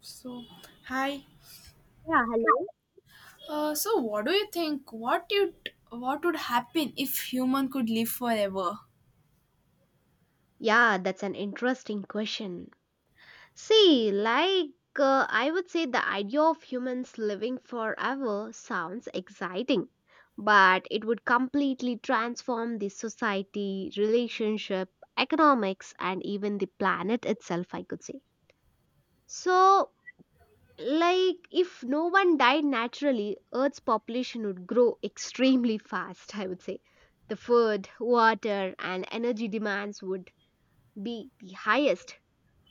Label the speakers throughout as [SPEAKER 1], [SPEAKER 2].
[SPEAKER 1] So, hi.
[SPEAKER 2] Yeah, hello.
[SPEAKER 1] So, what do you think? What would happen if human could live forever?
[SPEAKER 2] Yeah, that's an interesting question. See, like, I would say the idea of humans living forever sounds exciting, but it would completely transform the society, relationship, economics, and even the planet itself, I could say. So, like, if no one died naturally, Earth's population would grow extremely fast, I would say. The food, water, and energy demands would be the highest,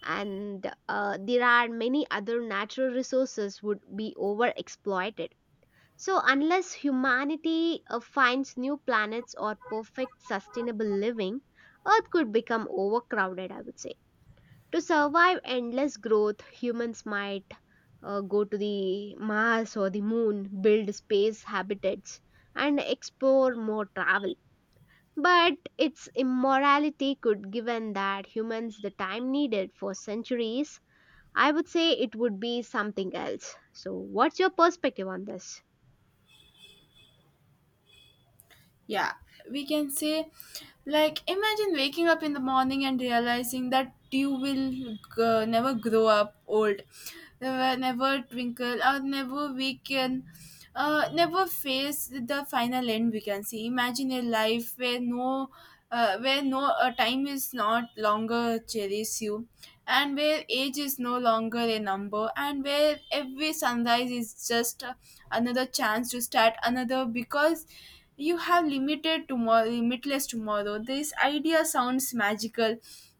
[SPEAKER 2] and there are many other natural resources would be overexploited. So unless humanity finds new planets or perfect sustainable living, earth could become overcrowded, I would say. To survive endless growth, humans might go to the Mars or the Moon, build space habitats, and explore more travel. But its immorality could given that humans the time needed for centuries, I would say it would be something else. So what's your perspective on this?
[SPEAKER 1] Yeah, we can say, like, imagine waking up in the morning and realizing that you will never grow up old, never twinkle, or never weaken, never face the final end. We can see. Imagine a life where no time is not longer cherish you, and where age is no longer a number, and where every sunrise is just another chance to start another because you have limited tomorrow limitless tomorrow. This idea sounds magical,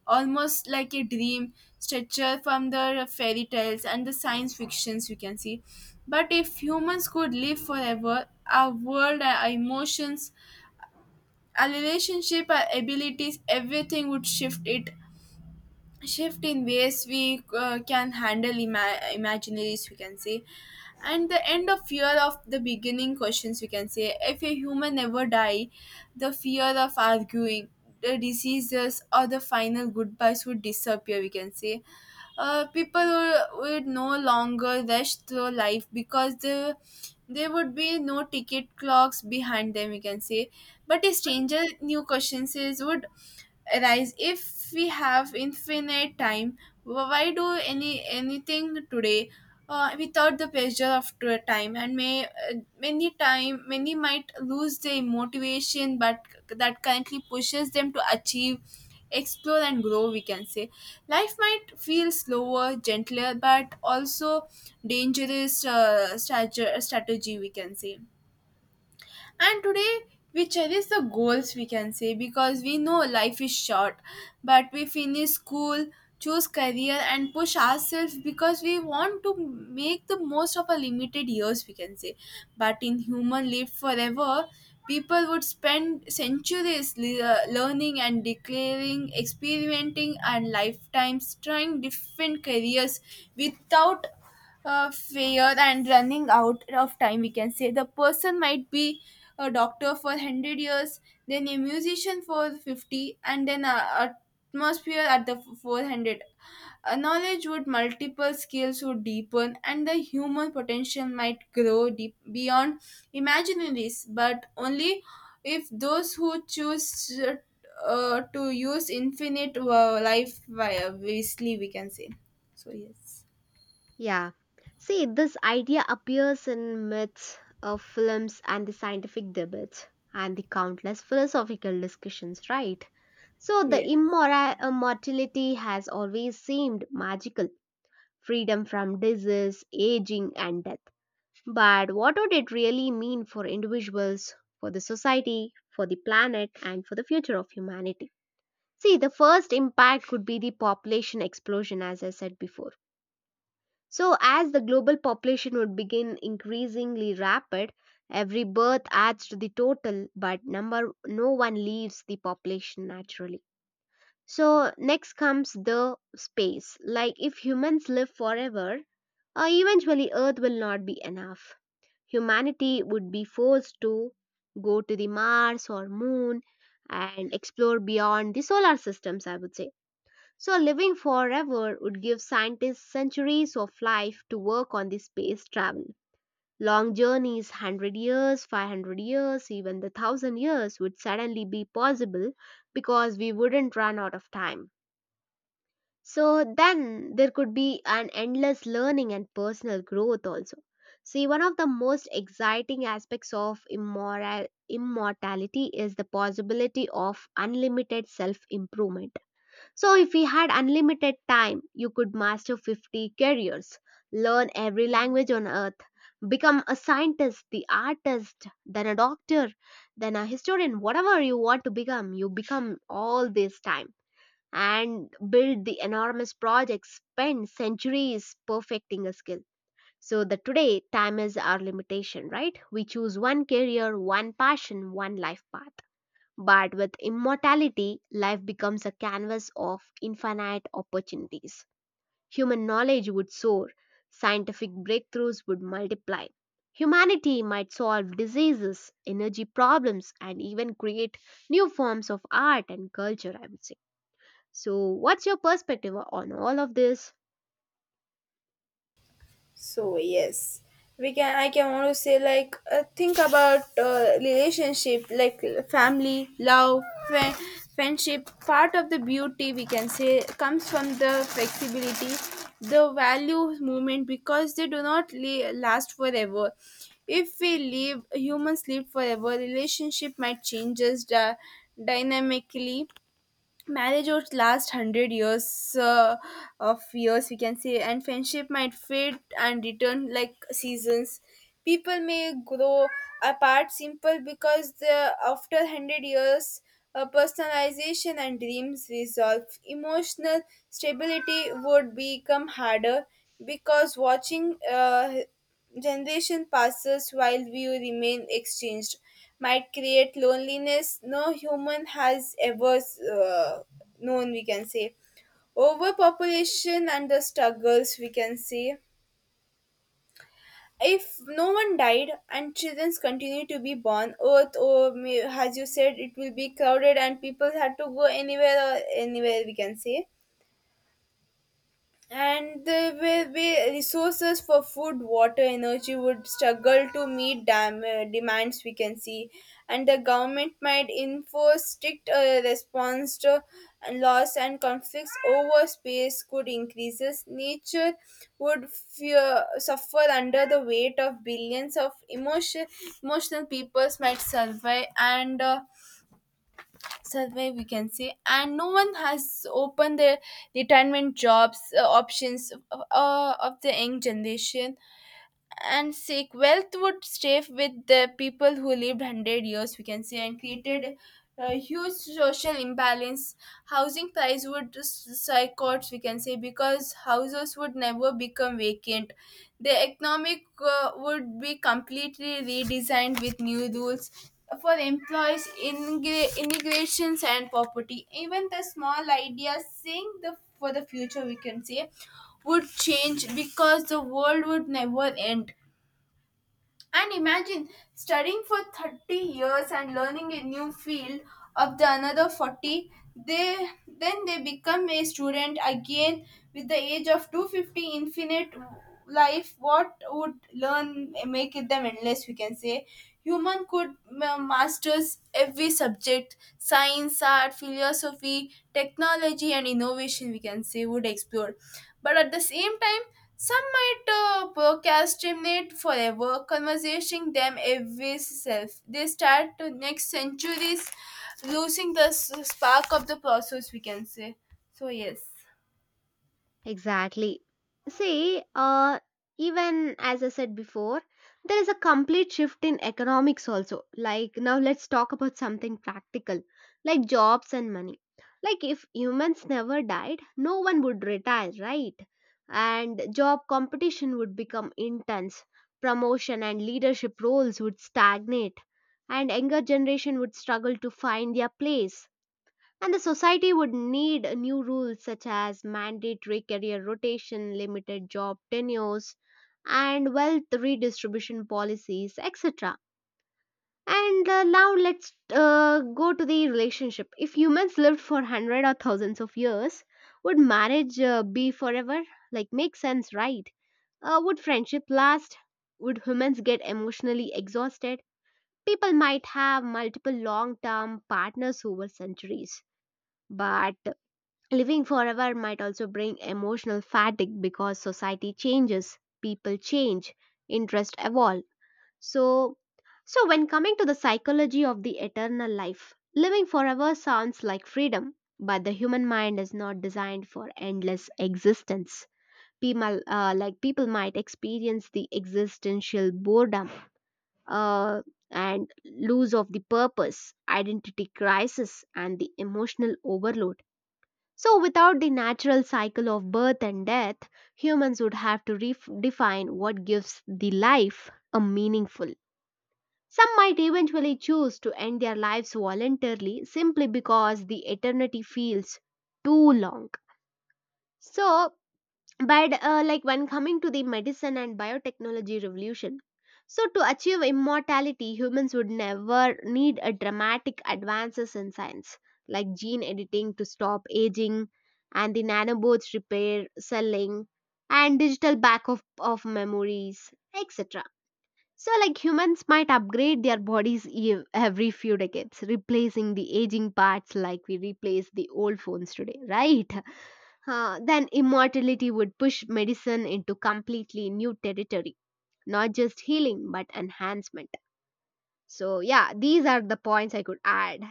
[SPEAKER 1] almost like a dream stretcher from the fairy tales and the science fictions, you can see. But if humans could live forever, our world, our emotions, our relationship, our abilities, everything would shift in ways we can handle imaginaries, we can say. And the end of fear of the beginning questions, we can say. If a human ever die, the fear of arguing, the diseases, or the final goodbyes would disappear, we can say. People would no longer rush through life because there would be no ticket clocks behind them, we can say. But a stranger new questions is would arise if we have infinite time. Why do anything today without the pressure of time, and may many time many might lose their motivation but that currently pushes them to achieve, explore, and grow, we can say. Life might feel slower, gentler, but also dangerous strategy, we can say. And today we cherish the goals, we can say, because we know life is short, but we finish school, choose career, and push ourselves because we want to make the most of our limited years, we can say. But in human live forever, people would spend centuries learning and declaring, experimenting, and lifetimes trying different careers without fear and running out of time, we can say. The person might be a doctor for 100 years, then a musician for 50, and then a atmosphere at the 400. A knowledge would multiple skills would deepen, and the human potential might grow deep beyond imaginaries, but only if those who choose to use infinite life wisely, we can say. So yes.
[SPEAKER 2] Yeah. See, this idea appears in myths of films and the scientific debates and the countless philosophical discussions, right? So the
[SPEAKER 1] Yes.
[SPEAKER 2] immoral immortality has always seemed magical. Freedom from disease, aging and death. But what would it really mean for individuals, for the society, for the planet, and for the future of humanity? See, the first impact could be the population explosion, as I said before. So, as the global population would begin increasingly rapid, every birth adds to the total, but number no one leaves the population naturally. So, next comes the space. Like, if humans live forever, eventually Earth will not be enough. Humanity would be forced to go to the Mars or Moon and explore beyond the solar systems, I would say. So, living forever would give scientists centuries of life to work on the space travel. Long journeys, 100 years, 500 years, even the 1,000 years, would suddenly be possible because we wouldn't run out of time. So then there could be an endless learning and personal growth also. See, one of the most exciting aspects of immortality is the possibility of unlimited self improvement. So, if we had unlimited time, you could master 50 careers, learn every language on earth, become a scientist, the artist, then a doctor, then a historian, whatever you want to become, you become all this time and build the enormous projects, spend centuries perfecting a skill. So the today time is our limitation, right? We choose one career, one passion, one life path, but with immortality life becomes a canvas of infinite opportunities. Human knowledge would soar, scientific breakthroughs would multiply, humanity might solve diseases, energy problems, and even create new forms of art and culture, I would say. So, what's your perspective on all of this?
[SPEAKER 1] So yes, we can. I can also say, like think about relationship, like family, love, fri- friendship. Part of the beauty, we can say, comes from the flexibility, the value movement, because they do not last forever. If we live humans live forever, relationship might changes dynamically. Marriage over last hundred years of years, we can say, and friendship might fade and return like seasons. People may grow apart simple because the after 100 years personalization and dreams resolve, emotional stability would become harder. Because watching generation passes while we remain exchanged might create loneliness no human has ever uh, known, we can say. Overpopulation and the struggles, we can say. If no one died and children continue to be born, earth as you said it will be crowded, and people had to go anywhere or anywhere, we can say. And the way resources for food, water, energy would struggle to meet demands, we can see. And the government might enforce strict response to loss, and conflicts over space could increases. Nature would fear, suffer under the weight of billions of emotional peoples might survive and survey, we can say. And no one has opened the retirement jobs options of the young generation, and seek wealth would stay with the people who lived 100 years, we can say, and created a huge social imbalance. Housing price would psychots, we can say, because houses would never become vacant. The economic would be completely redesigned with new rules for employees, immigrations, and property. Even the small ideas, seeing the for the future, we can say, would change because the world would never end. And imagine studying for 30 years and learning a new field of the another 40, they then they become a student again with the age of 250. Infinite life, what would learn make them endless, we can say. Human could masters every subject, science, art, philosophy, technology, and innovation, we can say, would explore. But at the same time, some might procrastinate forever, conversing them every self. They start to next centuries, losing the spark of the process, we can say. So, yes.
[SPEAKER 2] Exactly. See, even as I said before, there is a complete shift in economics also. Like, now let's talk about something practical, like jobs and money. Like, if humans never died, no one would retire, right? And job competition would become intense. Promotion and leadership roles would stagnate, and younger generation would struggle to find their place. And the society would need new rules such as mandatory career rotation, limited job tenures, and wealth redistribution policies, etc. And now let's go to the relationship. If humans lived for hundred or thousands of years, would marriage be forever? Like, makes sense, right? Would friendship last? Would humans get emotionally exhausted? People might have multiple long term partners over centuries. But living forever might also bring emotional fatigue because society changes, people change, interests evolve. So, so when coming to the psychology of the eternal life, living forever sounds like freedom, but the human mind is not designed for endless existence. People might experience the existential boredom uh, and lose of the purpose, identity crisis, and the emotional overload. So, without the natural cycle of birth and death, humans would have to redefine what gives the life a meaningful. Some might eventually choose to end their lives voluntarily simply because the eternity feels too long. So, but like when coming to the medicine and biotechnology revolution, so to achieve immortality, humans would never need a dramatic advances in science, like gene editing to stop aging, and the nanobots repair selling, and digital backup of memories, etc. So like humans might upgrade their bodies every few decades, replacing the aging parts like we replace the old phones today, right? Huh, then immortality would push medicine into completely new territory, not just healing but enhancement. So, yeah, these are the points I could add.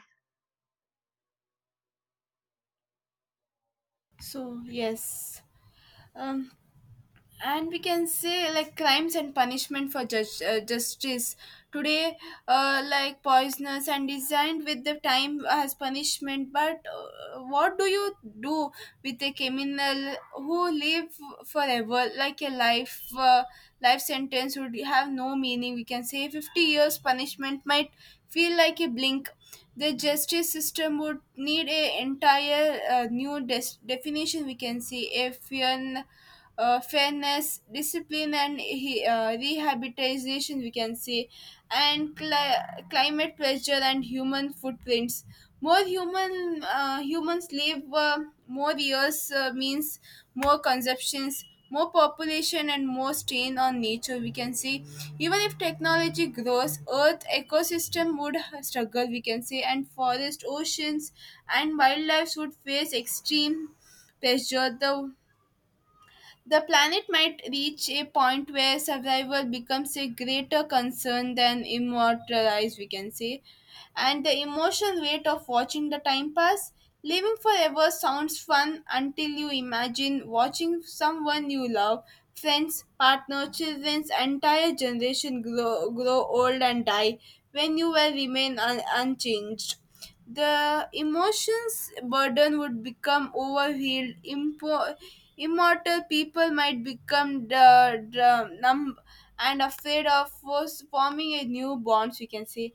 [SPEAKER 1] So yes, um, and we can say like crimes and punishment for justice today, like poisonous and designed with the time as punishment. But what do you do with a criminal who live forever? Like a life sentence would have no meaning, we can say. 50 years punishment might feel like a blink. The justice system would need a entire new definition, we can see. A fear fairness, discipline, and rehabilitation, we can say. And climate pressure and human footprints. More human humans live more years means more consumptions, more population, and more strain on nature. We can say, even if technology grows, Earth ecosystem would struggle. We can say, and forest, oceans, and wildlife would face extreme pressure. The planet might reach a point where survival becomes a greater concern than immortalized, we can say. And the emotional weight of watching the time pass. Living forever sounds fun until you imagine watching someone you love, friends, partner, children's entire generation grow old and die when you will remain unchanged. The emotions burden would become overhealed. Immortal people might become the numb and afraid of force forming a new bonds. We can say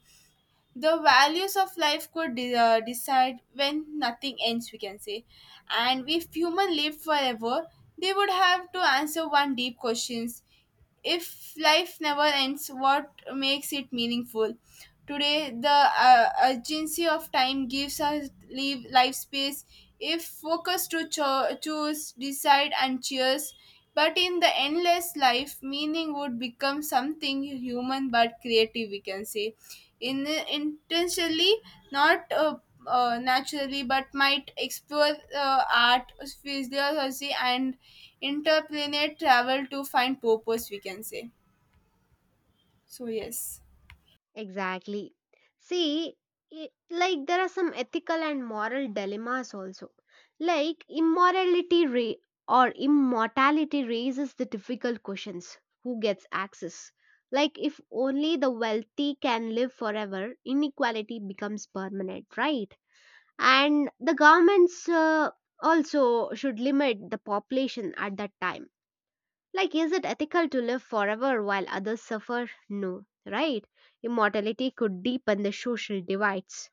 [SPEAKER 1] the values of life could decide when nothing ends. We can say, and if human lived forever, they would have to answer one deep questions. If life never ends, what makes it meaningful? Today, the urgency of time gives us leave life space. If focus to choose, decide, and cheers, but in the endless life, meaning would become something human but creative. We can say, in intentionally not. Naturally, but might explore art, physiology, and interplanet travel to find purpose, we can say. So, yes.
[SPEAKER 2] Exactly. See, it, like there are some ethical and moral dilemmas also. Like immorality ra- or immortality raises the difficult questions. Who gets access? Like if only the wealthy can live forever, inequality becomes permanent, right? And the governments also should limit the population at that time. Like, is it ethical to live forever while others suffer? No, right? Immortality could deepen the social divides,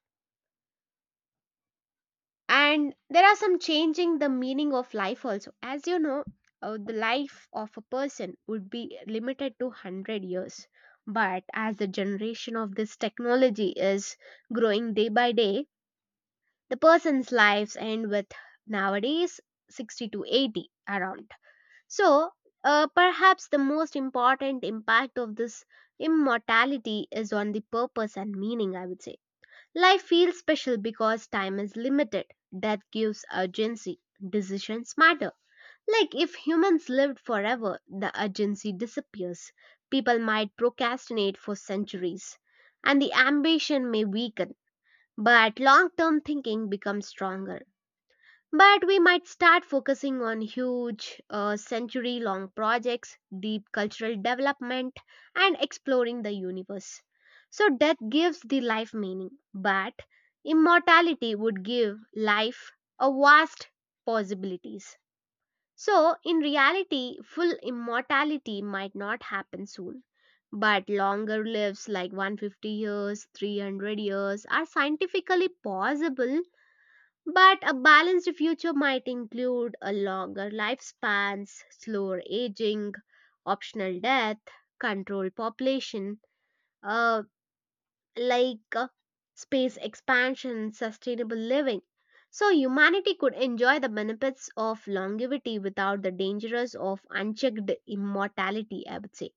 [SPEAKER 2] and there are some changing the meaning of life also, as you know. The life of a person would be limited to 100 years, but as the generation of this technology is growing day by day, the person's lives end with nowadays 60 to 80 around. So perhaps the most important impact of this immortality is on the purpose and meaning, I would say. Life feels special because time is limited. Death gives urgency, decisions matter. Like if humans lived forever, the urgency disappears. People might procrastinate for centuries, and the ambition may weaken, but long term thinking becomes stronger. But we might start focusing on huge, century long projects, deep cultural development, and exploring the universe. So, death gives the life meaning, but immortality would give life a vast possibilities. So, in reality, full immortality might not happen soon. But longer lives like 150 years, 300 years are scientifically possible, but a balanced future might include a longer lifespans, slower aging, optional death, controlled population, uh, like space expansion, sustainable living. So humanity could enjoy the benefits of longevity without the dangers of unchecked immortality, I would say.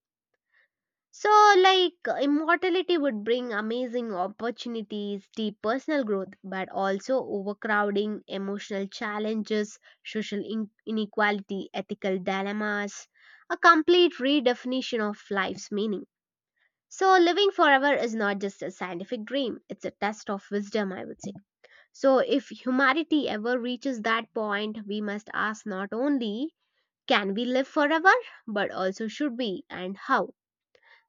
[SPEAKER 2] So, like, immortality would bring amazing opportunities, deep personal growth, but also overcrowding, emotional challenges, social inequality, ethical dilemmas, a complete redefinition of life's meaning. So, living forever is not just a scientific dream, it's a test of wisdom, I would say. So, if humanity ever reaches that point, we must ask not only can we live forever, but also should we and how.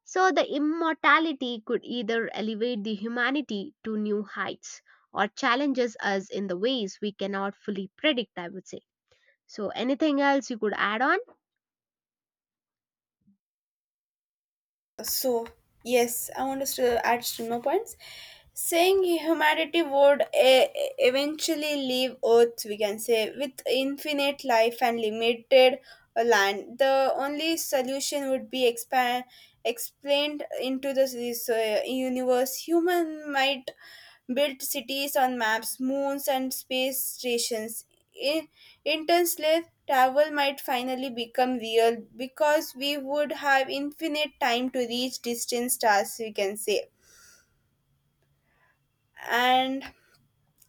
[SPEAKER 2] So the immortality could either elevate the humanity to new heights or challenges us in the ways we cannot fully predict, I would say. So anything else you could add on?
[SPEAKER 1] So, yes, I want us to add some more points. Saying humanity would eventually leave Earth, we can say, with infinite life and limited land. The only solution would be expand explained into this universe. Human might built cities on maps, moons, and space stations. In interstellar travel might finally become real because we would have infinite time to reach distant stars, we can say. And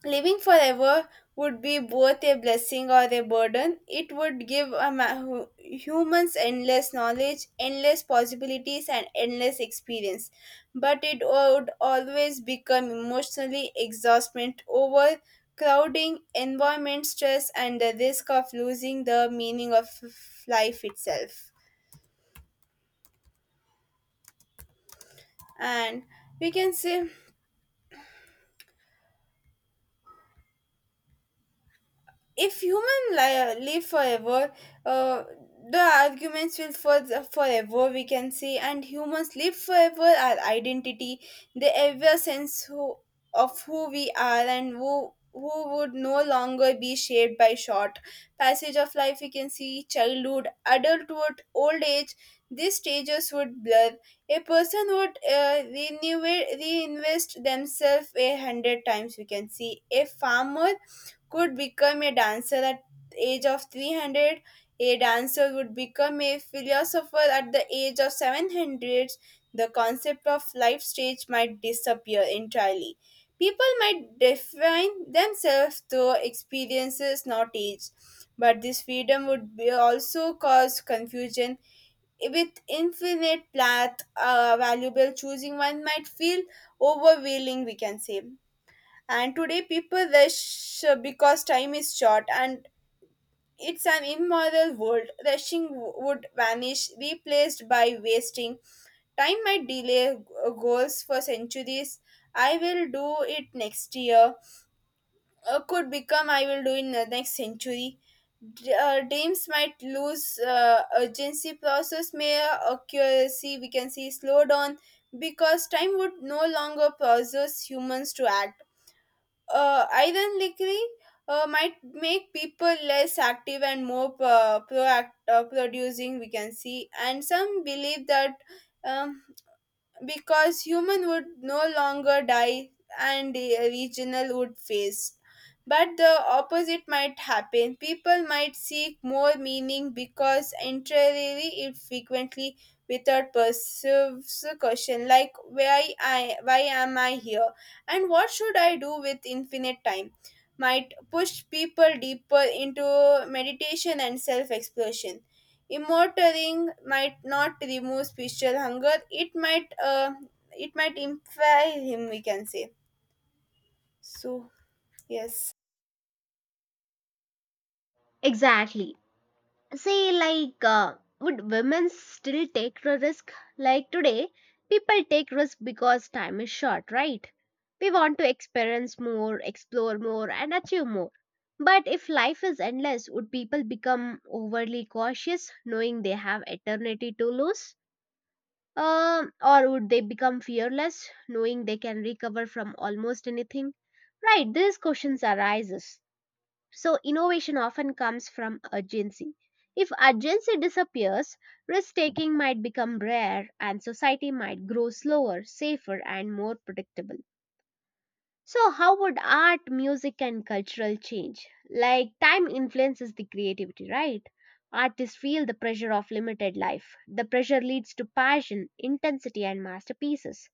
[SPEAKER 1] living forever would be both a blessing or a burden. It would give humans endless knowledge, endless possibilities, and endless experience. But it would always become emotionally exhaustment overcrowding, environment stress, and the risk of losing the meaning of life itself. And we can say if human live forever, uh, the arguments will forever, we can say, and humans live forever, our identity, the ever sense of who we are, and who would no longer be shaped by short passage of life, we can see. Childhood, adulthood, old age, these stages would blur. A person would renew reinvest themselves a hundred times, we can see. A farmer could become a dancer at the age of 300. A dancer would become a philosopher at the age of 700. The concept of life stage might disappear entirely. People might define themselves through experiences, not age, but this freedom would be also cause confusion with infinite path valuable, choosing one might feel overwhelming, we can say. And today people rush because time is short, and it's an immoral world, rushing would vanish, replaced by wasting time might delay goals for centuries. I will do it next year could become I will do in the next century. Dreams might lose urgency, process may accuracy, we can see, slow down because time would no longer process humans to act. Ironically, might make people less active and more producing, we can see. And some believe that, um, because human would no longer die and a regional would face. But the opposite might happen. People might seek more meaning because entirely it frequently, without perceives a question like why am I here and what should I do with infinite time, might push people deeper into meditation and self exploration. Immortaling might not remove spiritual hunger. It might inspire him, we can say. So, yes.
[SPEAKER 2] Exactly. Say like would women still take the risk? Like today people take risk because time is short, right? We want to experience more, explore more, and achieve more. But if life is endless, would people become overly cautious knowing they have eternity to lose? Or would they become fearless knowing they can recover from almost anything, right? These questions arises. So innovation often comes from urgency. If urgency disappears, risk taking might become rare and society might grow slower, safer, and more predictable. So, how would art, music, and cultural change? Like, time influences the creativity, right? Artists feel the pressure of limited life. The pressure leads to passion, intensity, and masterpieces.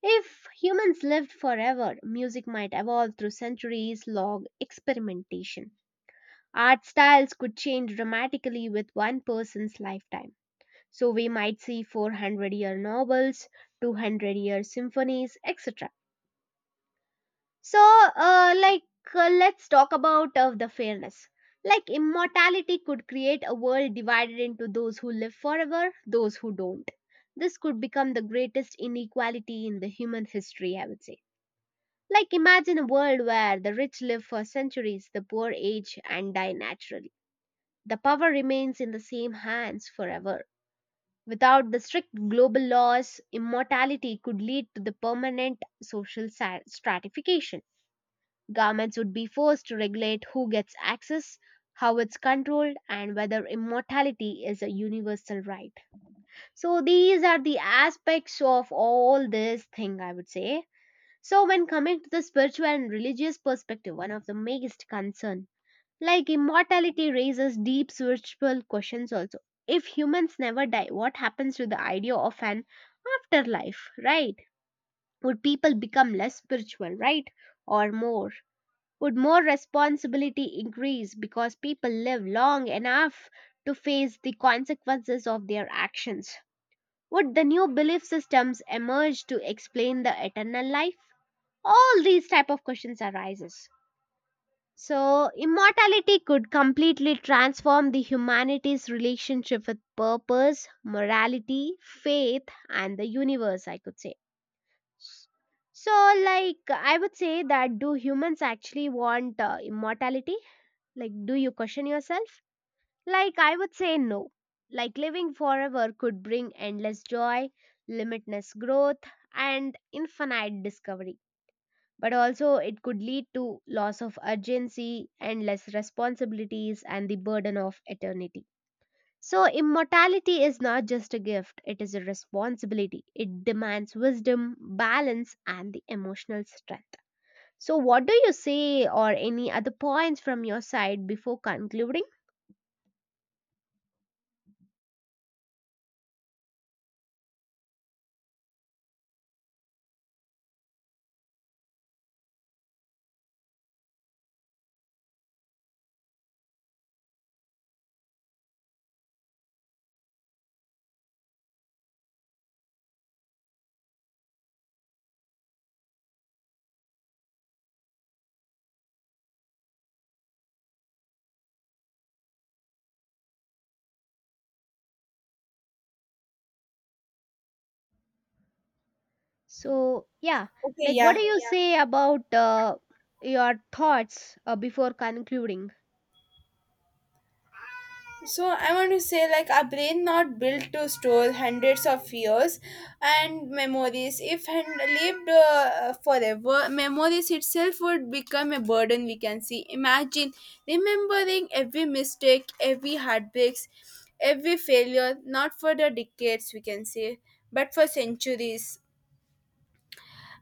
[SPEAKER 2] If humans lived forever, music might evolve through centuries long experimentation. Art styles could change dramatically with one person's lifetime. So we might see 400-year novels, 200-year symphonies, etc. So, like, let's talk about of the fairness. Like, immortality could create a world divided into those who live forever, those who don't. This could become the greatest inequality in the human history, I would say. Like, imagine a world where the rich live for centuries, the poor age and die naturally. The power remains in the same hands forever. Without the strict global laws, immortality could lead to the permanent social stratification. Governments would be forced to regulate who gets access, how it's controlled, and whether immortality is a universal right. So, these are the aspects of all this thing, I would say. So, when coming to the spiritual and religious perspective, one of the biggest concern, like immortality raises deep spiritual questions also. If humans never die, what happens to the idea of an afterlife, right? Would people become less spiritual, right? Or more? Would more responsibility increase because people live long enough to face the consequences of their actions? Would the new belief systems emerge to explain the eternal life? All these type of questions arises. So, immortality could completely transform the humanity's relationship with purpose, morality, faith, and the universe, I could say. So, like, I would say that do humans actually want immortality? Like, do you question yourself? Like, I would say no. Like, living forever could bring endless joy, limitless growth, and infinite discovery, but also it could lead to loss of urgency and less responsibilities and the burden of eternity. So, immortality is not just a gift, it is a responsibility. It demands wisdom, balance, and the emotional strength. So, what do you say, or any other points from your side before concluding? So, yeah,
[SPEAKER 1] Okay.
[SPEAKER 2] like what
[SPEAKER 1] Yeah.
[SPEAKER 2] do you Yeah. say about your thoughts before concluding?
[SPEAKER 1] So I want to say, like, our brain not built to store hundreds of years and memories. If lived forever, memories itself would become a burden. We can see. Imagine remembering every mistake, every heartbreaks, every failure. Not for the decades, we can say, but for centuries.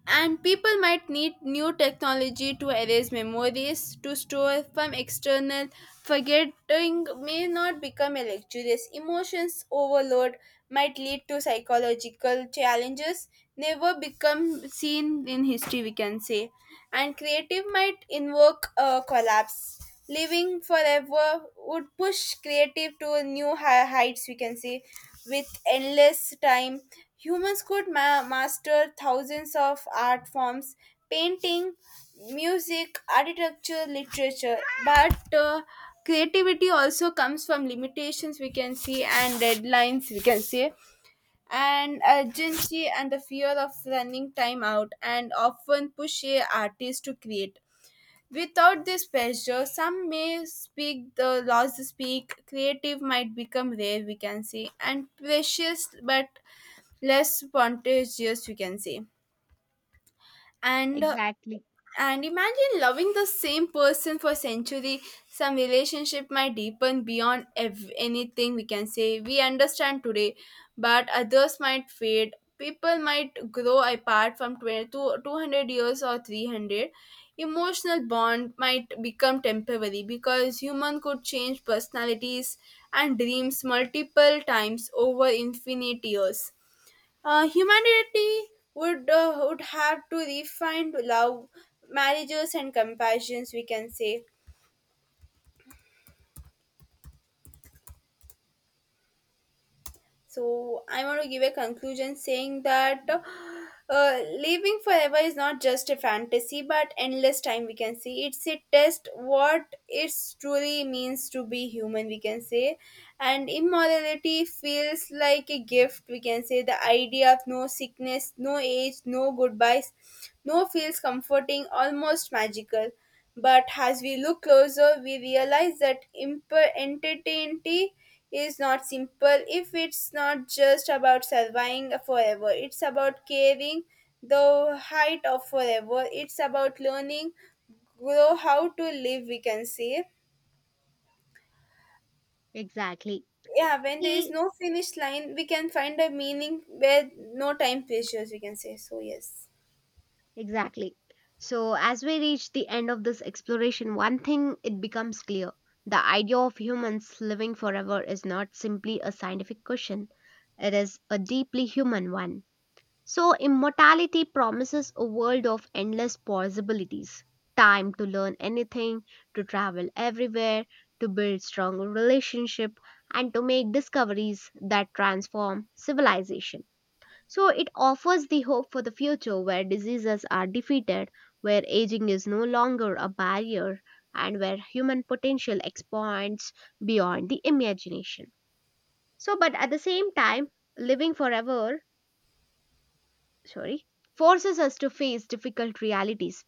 [SPEAKER 1] And people might need new technology to erase memories, to store from external. Forgetting may not become a luxurious. Emotions overload might lead to psychological challenges, never become seen in history, we can say. And creative might invoke a collapse. Living forever would push creative to new heights, we can say, with endless time. Humans could master thousands of art forms, painting, music, architecture, literature. But creativity also comes from limitations, we can see, and deadlines, we can see, and urgency and the fear of running time out, and often push a artist to create. Without this pressure, some may speak the laws to speak, creative might become rare, we can say, and precious but less spontaneous, we can say. And uh,
[SPEAKER 2] Exactly,
[SPEAKER 1] and imagine loving the same person for century. Some relationship might deepen beyond anything we can say we understand today, but others might fade. People might grow apart from 20 to 200 years or 300. Emotional bond might become temporary because human could change personalities and dreams multiple times over infinite years. Humanity would have to refine love, marriages, and compassions. We can say. So I want to give a conclusion saying that living forever is not just a fantasy, but endless time. We can see it's a test what it truly means to be human. We can say, and immortality feels like a gift. We can say the idea of no sickness, no age, no goodbyes, no feels comforting, almost magical. But as we look closer, we realize that entertainty is not simple. If it's not just about surviving forever, it's about carrying the height of forever, it's about learning grow how to live, we can say.
[SPEAKER 2] exactly.
[SPEAKER 1] Yeah, when there is
[SPEAKER 2] See,
[SPEAKER 1] no finish line, we can find a meaning where no time pressures, we can say. So yes.
[SPEAKER 2] exactly. So, as we reach the end of this exploration, one thing it becomes clear: the idea of humans living forever is not simply a scientific question, it is a deeply human one. So, immortality promises a world of endless possibilities, time to learn anything, to travel everywhere, to build strong relationship, and to make discoveries that transform civilization. So it offers the hope for the future where diseases are defeated, where aging is no longer a barrier, and where human potential expands beyond the imagination. So, but at the same time, living forever, sorry, forces us to face difficult realities.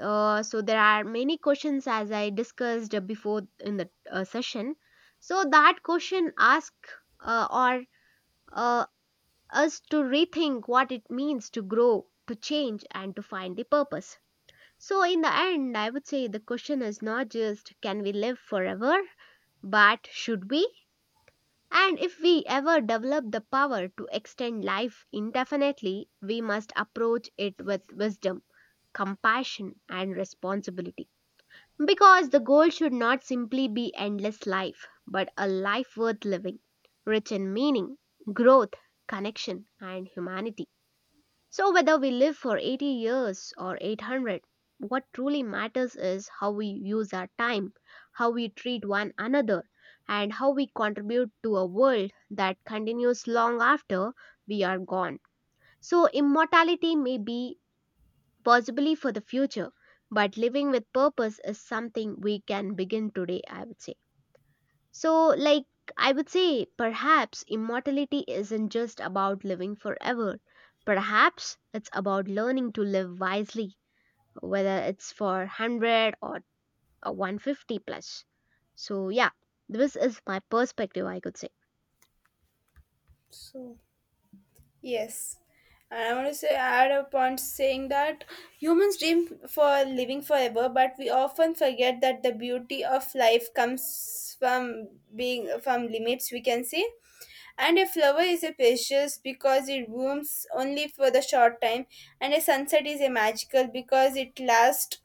[SPEAKER 2] So there are many questions as I discussed before in the session. So that question ask or uh, us to rethink what it means to grow, to change, and to find the purpose. So, in the end, I would say the question is not just can we live forever, but should we? And if we ever develop the power to extend life indefinitely, we must approach it with wisdom, compassion, and responsibility. Because the goal should not simply be endless life, but a life worth living, rich in meaning, growth, connection, and humanity. So, whether we live for 80 years or 800, what truly matters is how we use our time, how we treat one another, and how we contribute to a world that continues long after we are gone. So, immortality may be possibly for the future, but living with purpose is something we can begin today, I would say. So, like, I would say perhaps immortality isn't just about living forever. Perhaps it's about learning to live wisely, whether it's for 100 or 150 plus. So, yeah, this is my perspective, I could say.
[SPEAKER 1] So yes. And I want to say add a point saying that humans dream for living forever, but we often forget that the beauty of life comes from being from limits, we can say. And a flower is a precious because it blooms only for the short time, and a sunset is a magical because it lasts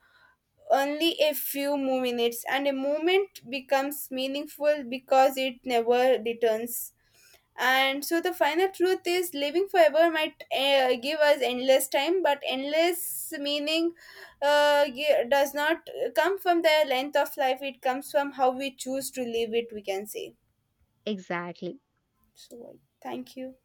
[SPEAKER 1] only a few more minutes, and a moment becomes meaningful because it never returns. And so the final truth is living forever might give us endless time, but endless meaning does not come from the length of life, it comes from how we choose to live it, we can say.
[SPEAKER 2] Exactly.
[SPEAKER 1] So, thank you.